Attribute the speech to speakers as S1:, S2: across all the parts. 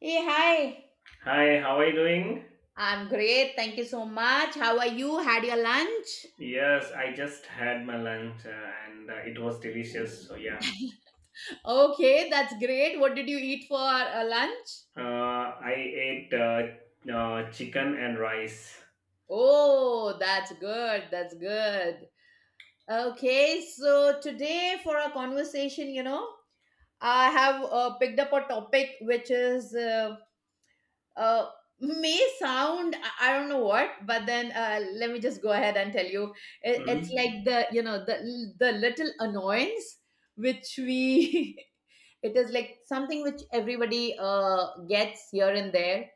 S1: Hey, hi.
S2: Hi, how are you doing?
S1: I'm great. Thank you so much. How are you? Had your lunch?
S2: Yes, I just had my lunch and it was delicious. So yeah,
S1: Okay, that's great. What did you eat for lunch?
S2: I ate chicken and rice.
S1: Oh, that's good. That's good. Okay, so today for our conversation, you know, I have picked up a topic which is uh, may sound I don't know what, but then let me just go ahead and tell you. It's
S2: Mhm.
S1: like the you know the little annoyance which we it is like something which everybody gets here and there,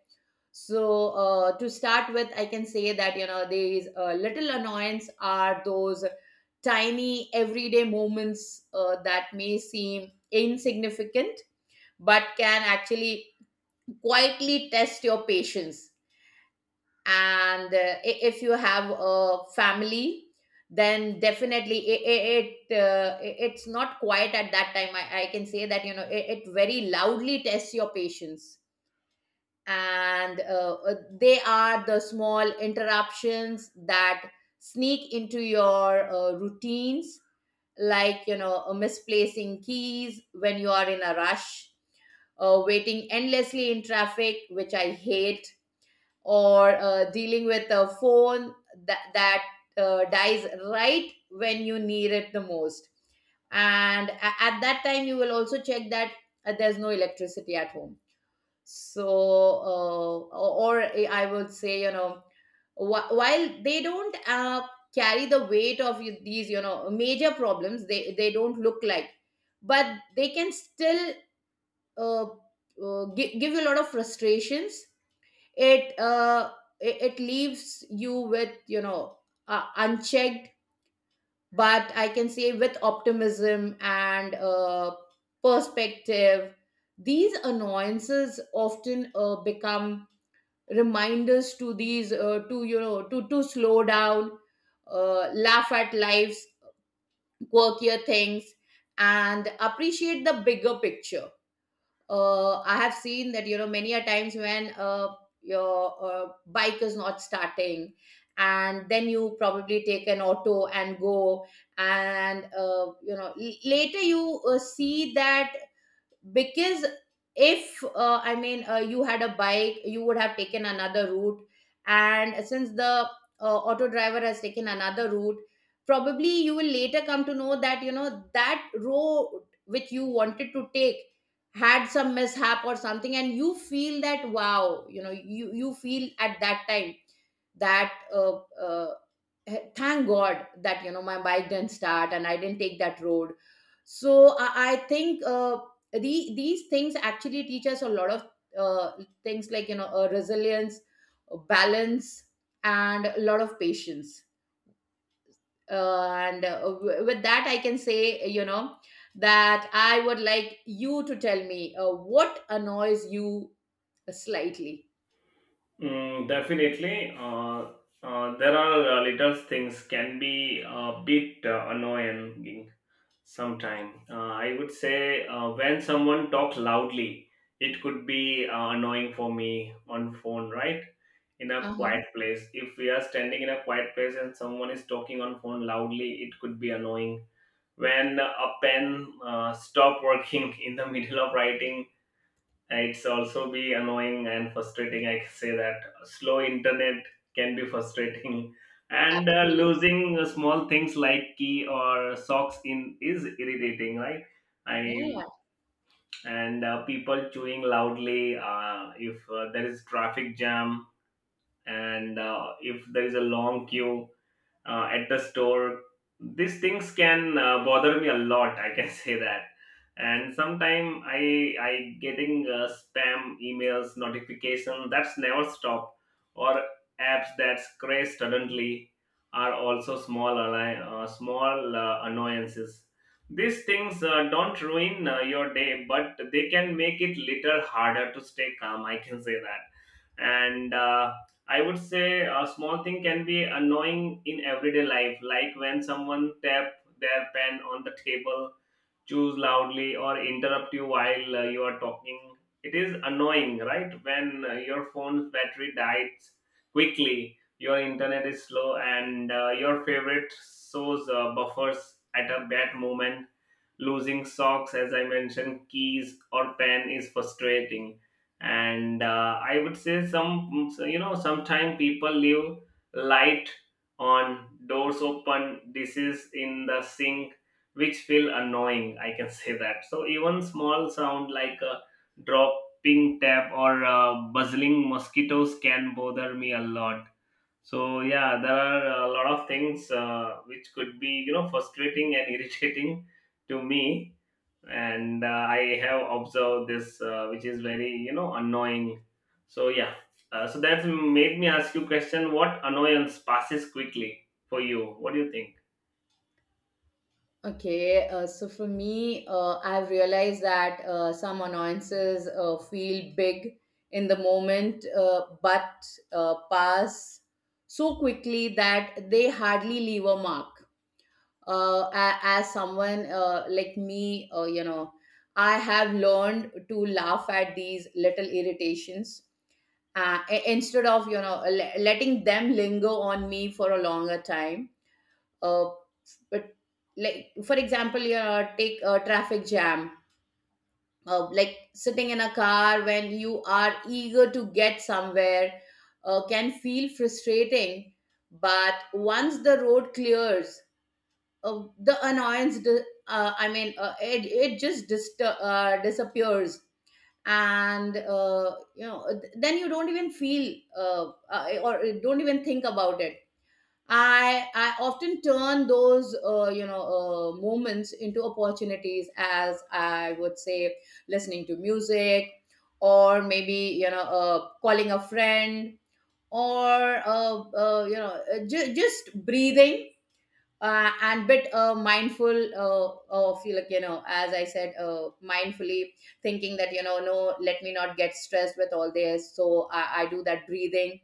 S1: so to start with, I can say that, you know, these little annoyance are those tiny everyday moments that may seem insignificant but can actually quietly test your patience. And if you have a family, then definitely it's not quiet at that time. I can say that, you know, it very loudly tests your patience. And they are the small interruptions that sneak into your routines, like, you know, misplacing keys when you are in a rush, waiting endlessly in traffic, which I hate, or dealing with a phone that dies right when you need it the most. And at that time, you will also check that there's no electricity at home. So, or I would say, you know, while they don't carry the weight of these, you know, major problems, they don't look like, but they can still uh, give you a lot of frustrations. It uh it, it leaves you with, you know, unchecked. But I can say with optimism and perspective, these annoyances often become reminders to these to, you know, to slow down, laugh at life's quirkier things, and appreciate the bigger picture. I have seen that, you know, many a times when your bike is not starting, and then you probably take an auto and go, and you know, later you see that, because if you had a bike, you would have taken another route, and since the auto driver has taken another route, probably you will later come to know that, you know, that road which you wanted to take had some mishap or something, and you feel that, wow, you know, you feel at that time that thank god that, you know, my bike didn't start and I didn't take that road. So I think these things actually teach us a lot of uh, things, like, you know, resilience, balance, and a lot of patience. With that, I can say, you know, that I would like you to tell me what annoys you slightly.
S2: Definitely, there are little things can be a bit annoying sometime. I would say when someone talks loudly, it could be annoying for me on phone, right? In a
S1: Uh-huh.
S2: quiet place. If we are standing in a quiet place and someone is talking on phone loudly, it could be annoying. When a pen stop working in the middle of writing, it's also be annoying and frustrating. I can say that slow internet can be frustrating. And
S1: Absolutely.
S2: losing small things like key or socks in is irritating, right? I
S1: Yeah.
S2: and people chewing loudly. If there is traffic jam, and if there is a long queue at the store, these things can bother me a lot, I can say that. And sometimes I getting spam emails notification that's never stop, or apps that crash suddenly are also small small annoyances. These things don't ruin your day, but they can make it little harder to stay calm, I can say that. And I would say a small thing can be annoying in everyday life, like when someone tap their pen on the table, choose loudly, or interrupt you while you are talking. It is annoying, right? When your phone's battery dies quickly, your internet is slow, and your favorite shows buffers at a bad moment. Losing socks, as I mentioned, keys or pen is frustrating. And I would say some, you know, sometimes people leave light on, doors open, dishes in the sink, which feel annoying, I can say that. So even small sound like a dropping tap or buzzing mosquitoes can bother me a lot. So yeah, there are a lot of things which could be, you know, frustrating and irritating to me. And I have observed this, which is very, you know, annoying. So yeah, so that's made me ask you question, what annoyance passes quickly for you? What do you think?
S1: Okay, so for me, I've realized that some annoyances feel big in the moment, but pass so quickly that they hardly leave a mark. As someone like me, you know, I have learned to laugh at these little irritations instead of, you know, letting them linger on me for a longer time. Uh, but like, for example, you take a traffic jam, like sitting in a car when you are eager to get somewhere, can feel frustrating, but once the road clears, the annoyance it just disappears. And you know, then you don't even feel or don't even think about it. I often turn those moments into opportunities, as I would say, listening to music, or maybe, you know, calling a friend, or just breathing, and bit mindful of, like, you know, as I said, mindfully thinking that, you know, no, let me not get stressed with all this. So I do that breathing,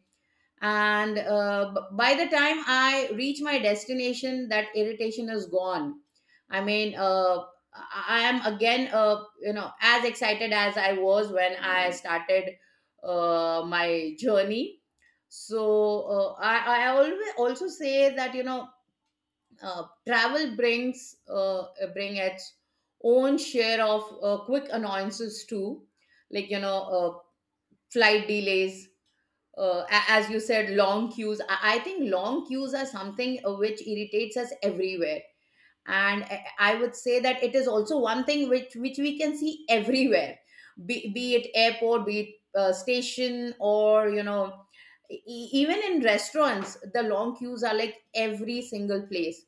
S1: and by the time I reach my destination, that irritation is gone. I mean, I am again, you know, as excited as I was when I started my journey. So I always also say that, you know, uh, travel brings uh, bring its own share of quick annoyances too, like, you know, flight delays, as you said, long queues. I think long queues are something which irritates us everywhere. And I would say that it is also one thing which we can see everywhere, be it airport, be it station, or, you know, even in restaurants, the long queues are like every single place.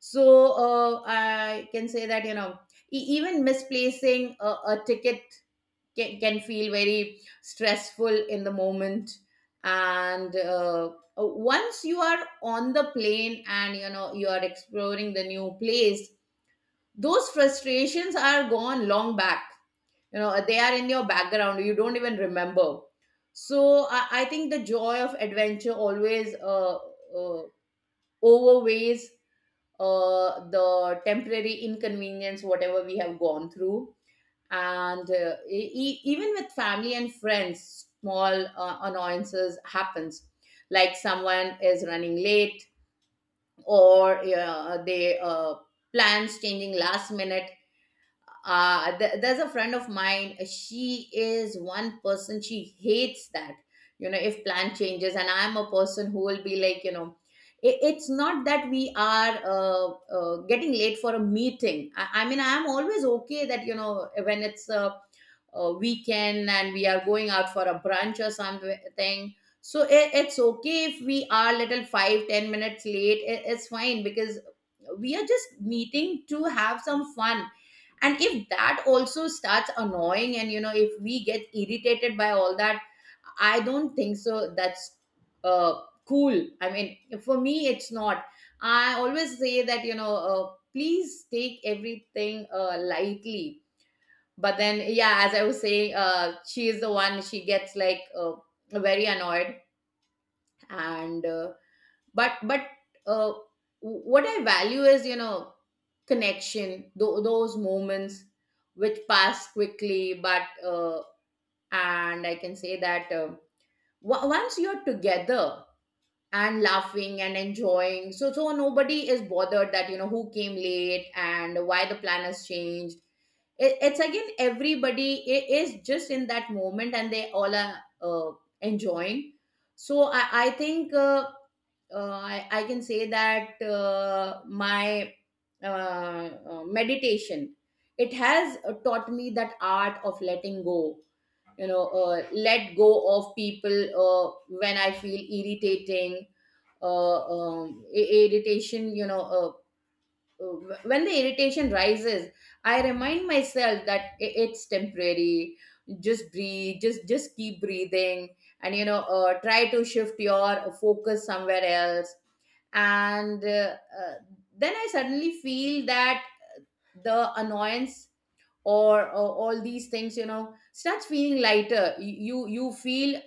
S1: So I can say that, you know, even misplacing a ticket can feel very stressful in the moment. And once you are on the plane and, you know, you are exploring the new place, those frustrations are gone long back. You know, they are in your background, you don't even remember. So I think the joy of adventure always overweighs the temporary inconvenience, whatever we have gone through. And even with family and friends, small annoyances happens, like someone is running late, or they plans changing last minute. There's a friend of mine, she is one person, she hates that, you know, if plan changes. And I'm a person who will be like, you know, it's not that we are getting late for a meeting. I mean, I'm always okay that, you know, when it's a weekend and we are going out for a brunch or something, so it's okay if we are little 5-10 minutes late, it's fine, because we are just meeting to have some fun. And if that also starts annoying, and, you know, if we get irritated by all that, I don't think so that's cool. I mean, for me, it's not. I always say that, you know, please take everything lightly. But then, yeah, as I was saying, she is the one, she gets like very annoyed. And but uh, what I value is, you know, connection, those moments which pass quickly, but and I can say that, o- once you're together and laughing and enjoying, so nobody is bothered that, you know, who came late and why the plan has changed. It's again everybody is just in that moment, and they all are uh, enjoying. So I think, I can say that my uh, meditation, it has taught me that art of letting go, you know, let go of people when I feel irritating, irritation, you know, when the irritation rises, I remind myself that it's temporary. Just breathe, just keep breathing, and, you know, try to shift your focus somewhere else. And then I suddenly feel that the annoyance, or all these things, you know, starts feeling lighter. You feel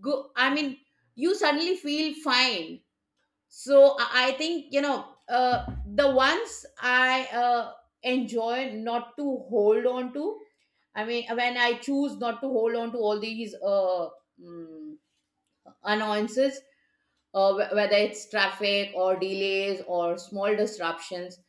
S1: good. I mean, you suddenly feel fine. So I think, you know, the ones I enjoy not to hold on to, I mean, when I choose not to hold on to all these mm, annoyances, whether it's traffic or delays or small disruptions,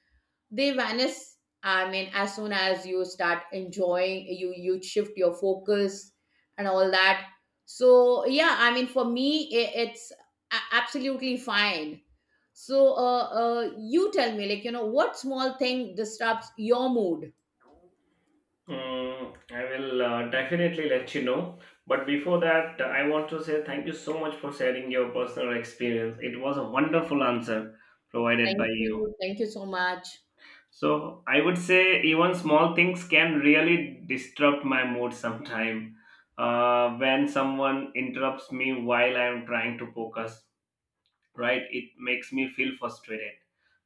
S1: they vanish. I mean, as soon as you start enjoying, you shift your focus and all that. So, yeah, I mean, for me, I it's a- absolutely fine. So you tell me, like, you know, what small thing disrupts your mood.
S2: I will definitely let you know. But before that, I want to say thank you so much for sharing your personal experience. It was a wonderful answer provided
S1: Thank
S2: by you.
S1: you. Thank you so much.
S2: So I would say even small things can really disrupt my mood sometime. When someone interrupts me while I am trying to focus, right? It makes me feel frustrated.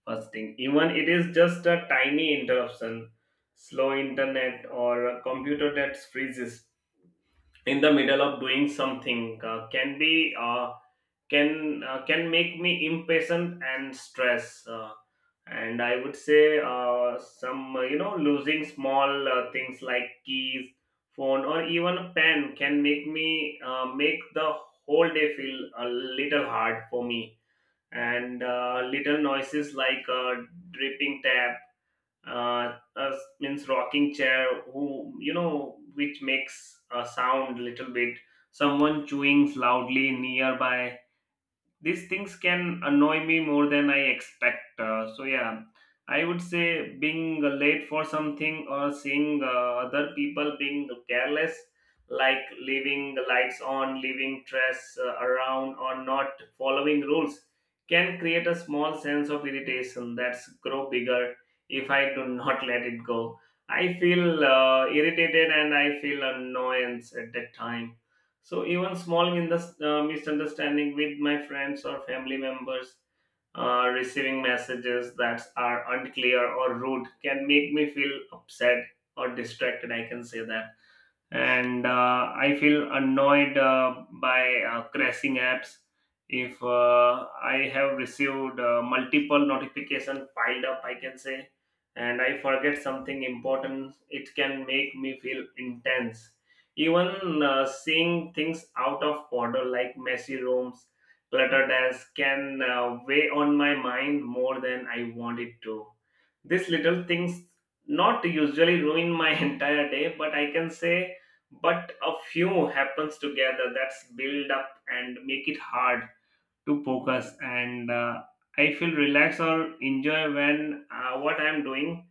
S2: First thing, even it is just a tiny interruption, slow internet or a computer that freezes in the middle of doing something can be can make me impatient and stress. And I would say some, you know, losing small things like keys, phone, or even a pen can make me make the whole day feel a little hard for me. And little noises like dripping tap, uh, uh, means rocking chair who, you know, which makes a sound little bit, someone chewing loudly nearby, these things can annoy me more than I expect. So yeah, I would say being late for something or seeing other people being careless, like leaving the lights on, leaving trash around, or not following rules, can create a small sense of irritation that's grow bigger if I do not let it go. I feel irritated and I feel annoyance at that time. So even small misunderstanding with my friends or family members, receiving messages that are unclear or rude can make me feel upset or distracted. I can say that. And I feel annoyed by crashing apps. If I have received multiple notification piled up, I can say, and I forget something important, it can make me feel intense. Even seeing things out of order like messy rooms, cluttered desks, can weigh on my mind more than I want it to. These little things not usually ruin my entire day, but I can say but a few happens together that's build up and make it hard to focus, and I feel relaxed or enjoy when what I'm doing.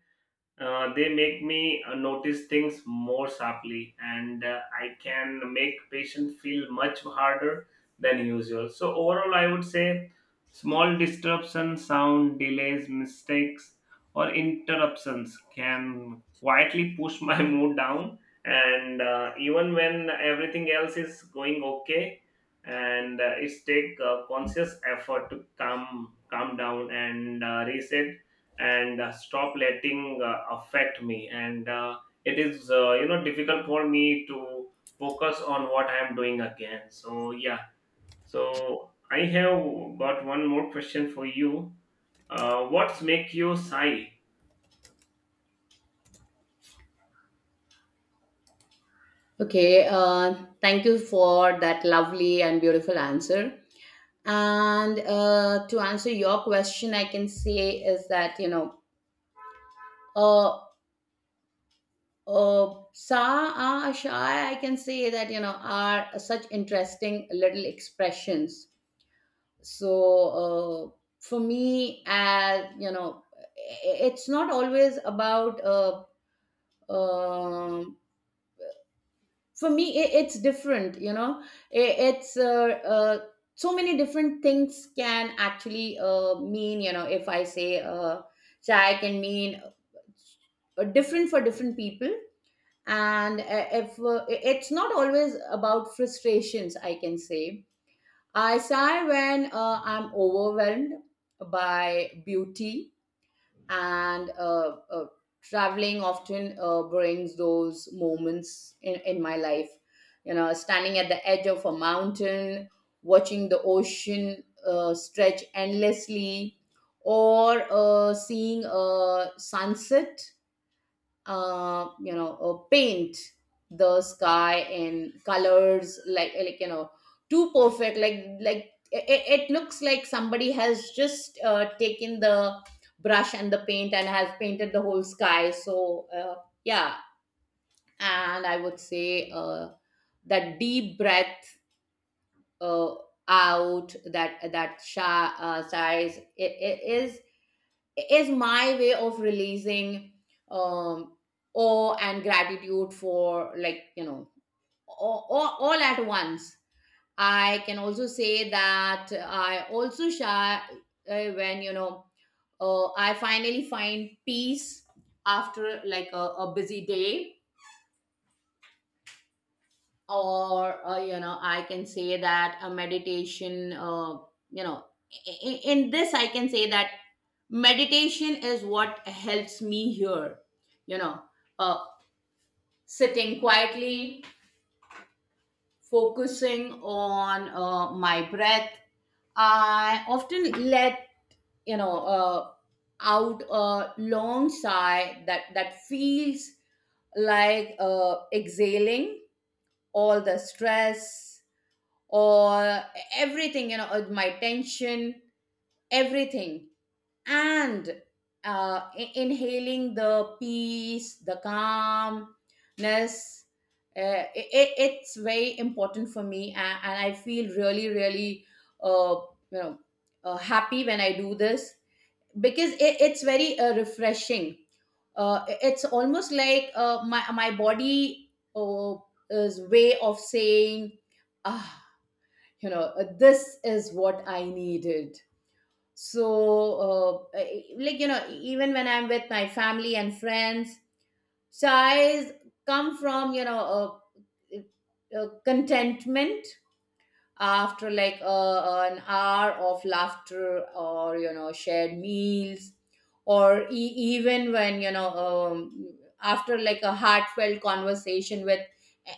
S2: They make me notice things more sharply, and I can make patient feel much harder than usual. So overall I would say small disruptions, sound, delays, mistakes, or interruptions can quietly push my mood down. And even when everything else is going okay, and it's take conscious effort to calm down and reset, and stop letting affect me. And it is, you know, difficult for me to focus on what I am doing again. So yeah, so I have got one more question for you. What's make you sigh?
S1: Okay, thank you for that lovely and beautiful answer. And to answer your question, I can say is that, you know, uh uh, sa, a, sha, I can say that, you know, are such interesting little expressions. So, uh, for me, as you know, it's not always about. Um for me, I it's different. You know, it's so many different things can actually mean. You know, if I say chai can mean different for different people, and if it's not always about frustrations, I can say I sigh when I'm overwhelmed by beauty. And traveling often brings those moments in my life, you know, standing at the edge of a mountain, watching the ocean stretch endlessly, or seeing a sunset paint the sky in colors like too perfect, like it looks like somebody has just taken the brush and the paint and has painted the whole sky. So yeah. And I would say that deep breath uh, out, that sighs, it is my way of releasing um awe and gratitude for, all at once. I can also say that I also share when you know I finally find peace after like a busy day, or you know, I can say that a meditation you know in this I can say that meditation is what helps me here, you know, uh, sitting quietly, focusing on my breath. I often let, you know uh, out a long sigh that feels like exhaling all the stress, or everything, you know, my tension, everything. And I- inhaling the peace, the calmness. It's very important for me, and I feel really really uh, you know happy when I do this, because it's very refreshing. It's almost like my my body is way of saying, ah, you know, this is what I needed. So even when I'm with my family and friends, sighs come from, contentment after like an hour of laughter, or you know, shared meals, or even when you know after like a heartfelt conversation with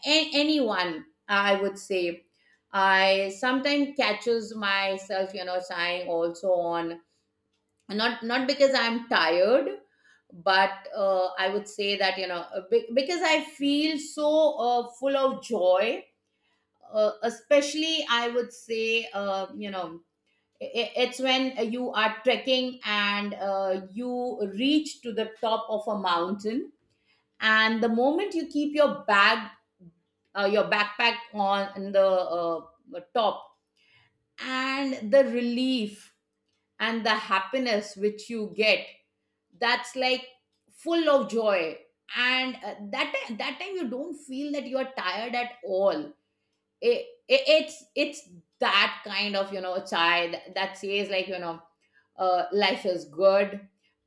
S1: anyone, I would say I sometimes catches myself, you know, sighing also on, not because I'm tired, but I would say that you know because I feel so full of joy. Especially I would say, i- it's when you are trekking and you reach to the top of a mountain, and the moment you keep your bag, your backpack, on the top, and the relief and the happiness which you get, that's like full of joy. And that time you don't feel that you are tired at all. It's it's that kind of, you know, child that says, like you know, life is good,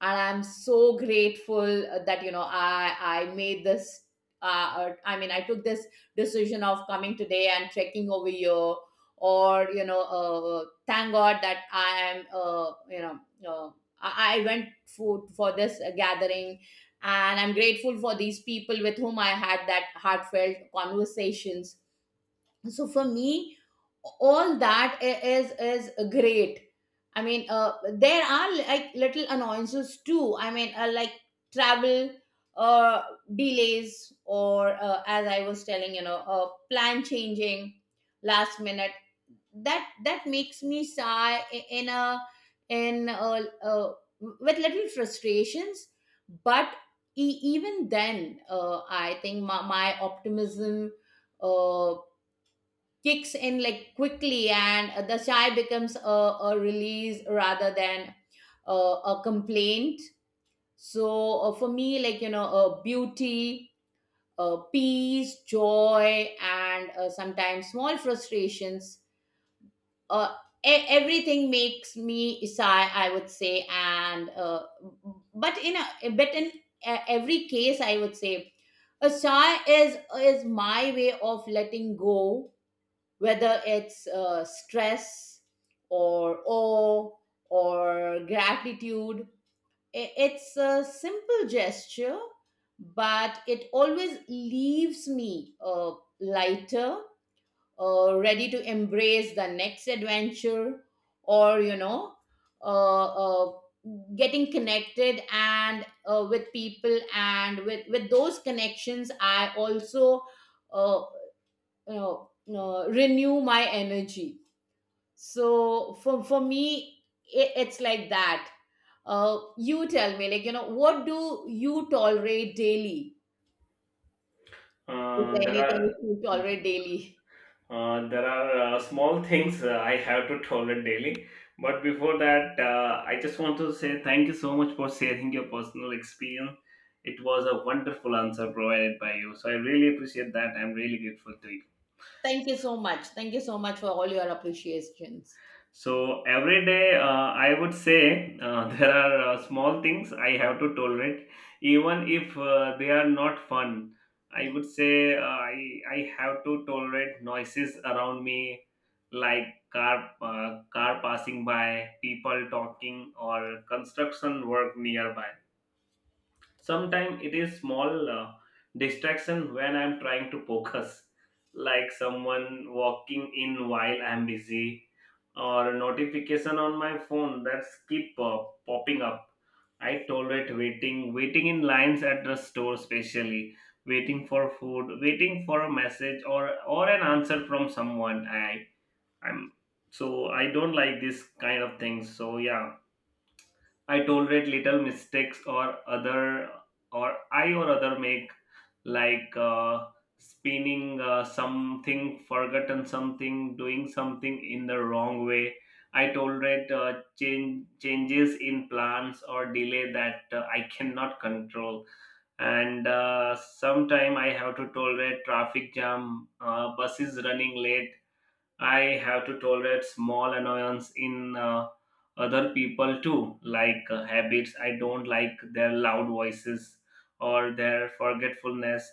S1: and I'm so grateful that, you know, I made this uh, I mean, I took this decision of coming today and trekking over here. Or you know, thank god that I am uh, I went for this gathering, and I'm grateful for these people with whom I had that heartfelt conversations. So for me, all that is great. I mean there are like little annoyances too. I mean like travel uh, delays, or as I was telling, you know, plan changing last minute, that that makes me sigh in a in a with little frustrations. But even then I think my optimism uh, kicks in like quickly, and the sigh becomes a release rather than a complaint. So for me, beauty, peace, joy, and sometimes small frustrations, uh, everything makes me sigh, I would say. And but in every case, I would say a sigh is my way of letting go, whether it's stress or awe or gratitude. It's a simple gesture, but it always leaves me lighter, ready to embrace the next adventure, or you know, uh, uh, getting connected and with people, and with those connections, I also uh, renew my energy. So for me, it's like that. You tell me, like, you know, what do you tolerate daily? Is
S2: uh,
S1: there
S2: there
S1: anything
S2: are
S1: you tolerate daily?
S2: There are small things I have to tolerate daily. But before that, I just want to say thank you so much for sharing your personal experience. It was a wonderful answer provided by you. So I really appreciate that. I'm really grateful to you.
S1: Thank you so much, thank you so much for all your appreciations.
S2: So every day, I would say there are small things I have to tolerate, even if they are not fun. I would say I have to tolerate noises around me, like car car passing by, people talking, or construction work nearby. Sometimes it is small distraction when I'm trying to focus, like someone walking in while I'm busy, or a notification on my phone that's keep popping up. I tolerate waiting in lines at the store, especially waiting for food, waiting for a message or an answer from someone. I I'm, so I don't like this kind of things. So yeah, I tolerate little mistakes or other or I or other make, like spinning something, forgotten something, doing something in the wrong way. I tolerate changes in plans or delay that I cannot control. And sometime I have to tolerate traffic jam, buses running late. I have to tolerate small annoyance in other people too, like habits. I don't like their loud voices or their forgetfulness.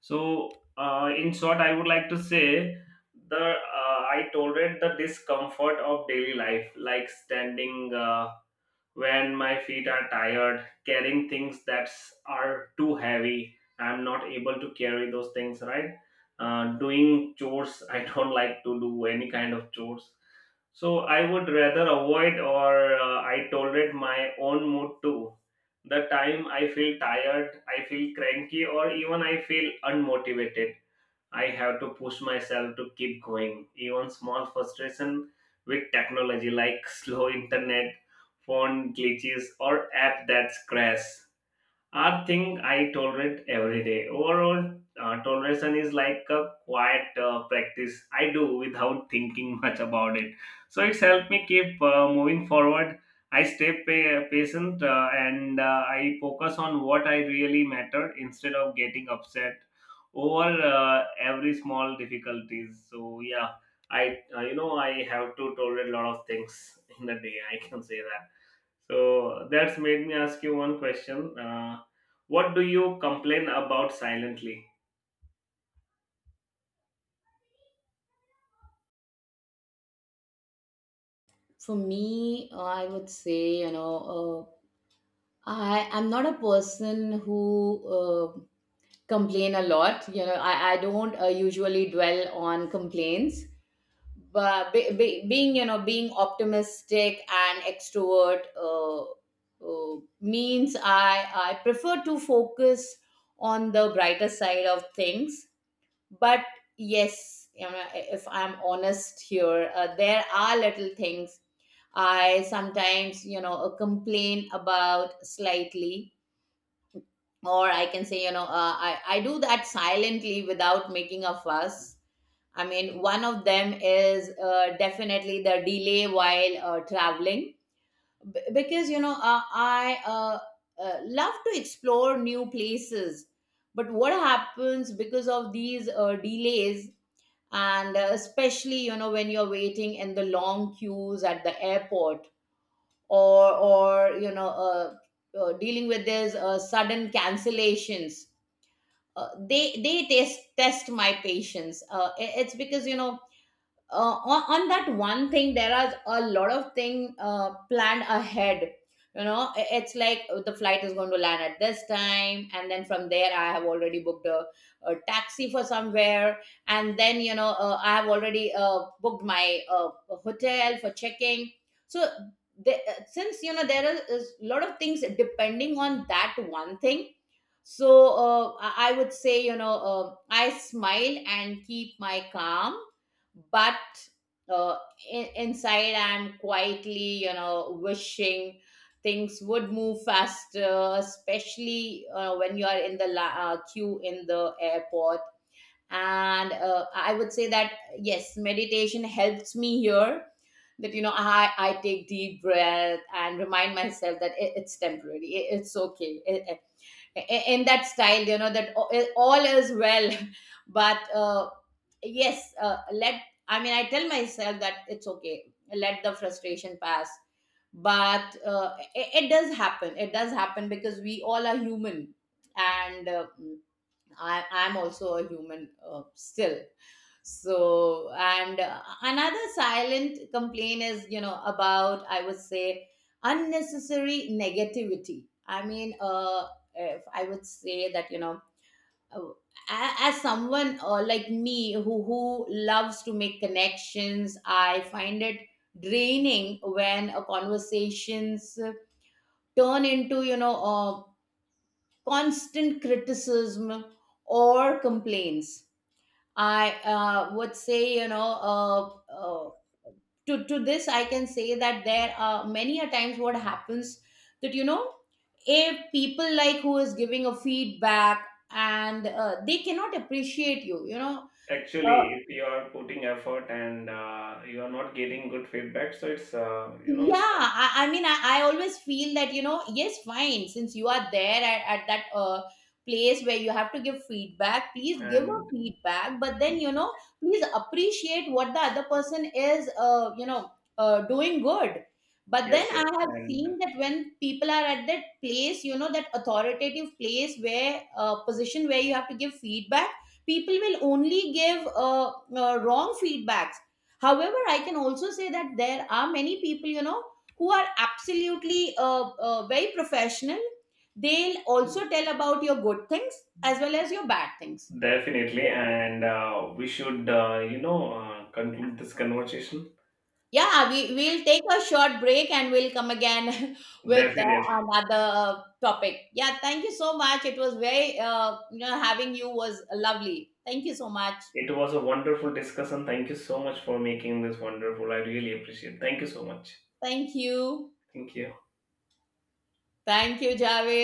S2: So, in short, I would like to say the I tolerate the discomfort of daily life, like standing. When my feet are tired, carrying things that are too heavy, I'm not able to carry those things, right? Doing chores, I don't like to do any kind of chores, so I would rather avoid. Or I tolerate my own mood too, the time I feel tired, I feel cranky, or even I feel unmotivated. I have to push myself to keep going. Even small frustration with technology like slow internet, phone glitches, or app that crash are thing I tolerate every day. Overall, toleration is like a quiet practice I do without thinking much about it. So it's helped me keep moving forward. I stay patient, and I focus on what I really matter instead of getting upset over every small difficulties. So yeah, I, you know, I have to tolerate a lot of things in a day, I can say that. So that's made me ask you one question. What do you complain about silently?
S1: For me, I would say, you know, I'm not a person who uh, complain a lot. You know, I don't usually dwell on complaints. But being you know, being optimistic and extrovert means I prefer to focus on the brighter side of things. But yes, you know, if I'm honest here, there are little things I sometimes, you know, complain about slightly, or I can say, you know, I do that silently without making a fuss. I mean, one of them is definitely the delay while traveling. Because, you know, I love to explore new places. But what happens, because of these delays, and especially, you know, when you're waiting in the long queues at the airport, or you know, dealing with these sudden cancellations, they test my patience. It- it's because, you know, on that one thing there are a lot of thing planned ahead. You know, it's like the flight is going to land at this time, and then from there I have already booked a taxi for somewhere. And then, you know, I have already booked my hotel for checking. So the, since you know there is a lot of things depending on that one thing, so I would say, you know, I smile and keep my calm. But uh, inside I'm quietly, you know, wishing things would move faster, especially when you are in the queue in the airport. And I would say that yes, meditation helps me here, that you know I take deep breath and remind myself that it's temporary, it's okay, in that style, you know, that all is well. But yes, let I mean, I tell myself that it's okay, let the frustration pass. But it does happen, it does happen, because we all are human. And I, I'm also a human uh, still. So and another silent complaint is, you know, about, I would say, unnecessary negativity. I mean, if I would say that, you know, uh, as someone like me who loves to make connections, I find it draining when conversations turn into, you know, constant criticism or complaints. I would say, you know, to this, I can say that there are many a times what happens that, you know, a people like who is giving a feedback, and they cannot appreciate you, you know,
S2: Actually,
S1: uh,
S2: if you are putting effort and you are not getting good feedback, so it's, you know,
S1: yeah.
S2: it's,
S1: I mean, I always feel that, you know, yes, fine, since you are there at that place where you have to give feedback, please
S2: like,
S1: give a
S2: and
S1: feedback, but then, you know, please appreciate what the other person is, doing good. But then
S2: yes, yes,
S1: I have
S2: and
S1: seen that when people are at that place, you know, that authoritative place where, position where you have to give feedback, people will only give wrong feedbacks. However, I can also say that there are many people, you know, who are absolutely very professional. They'll also tell about your good things as well as your bad things.
S2: definitely, and we should, you know, conclude this conversation.
S1: Yeah, we'll take a short break, and we'll come again with
S2: Definitely,
S1: another topic. Yeah, thank you so much. It was very, you know, having you was lovely. Thank you so much.
S2: it was a wonderful discussion. Thank you so much for making this wonderful. I really appreciate. Thank you so much.
S1: Thank you.
S2: Thank you.
S1: Thank you, Javed.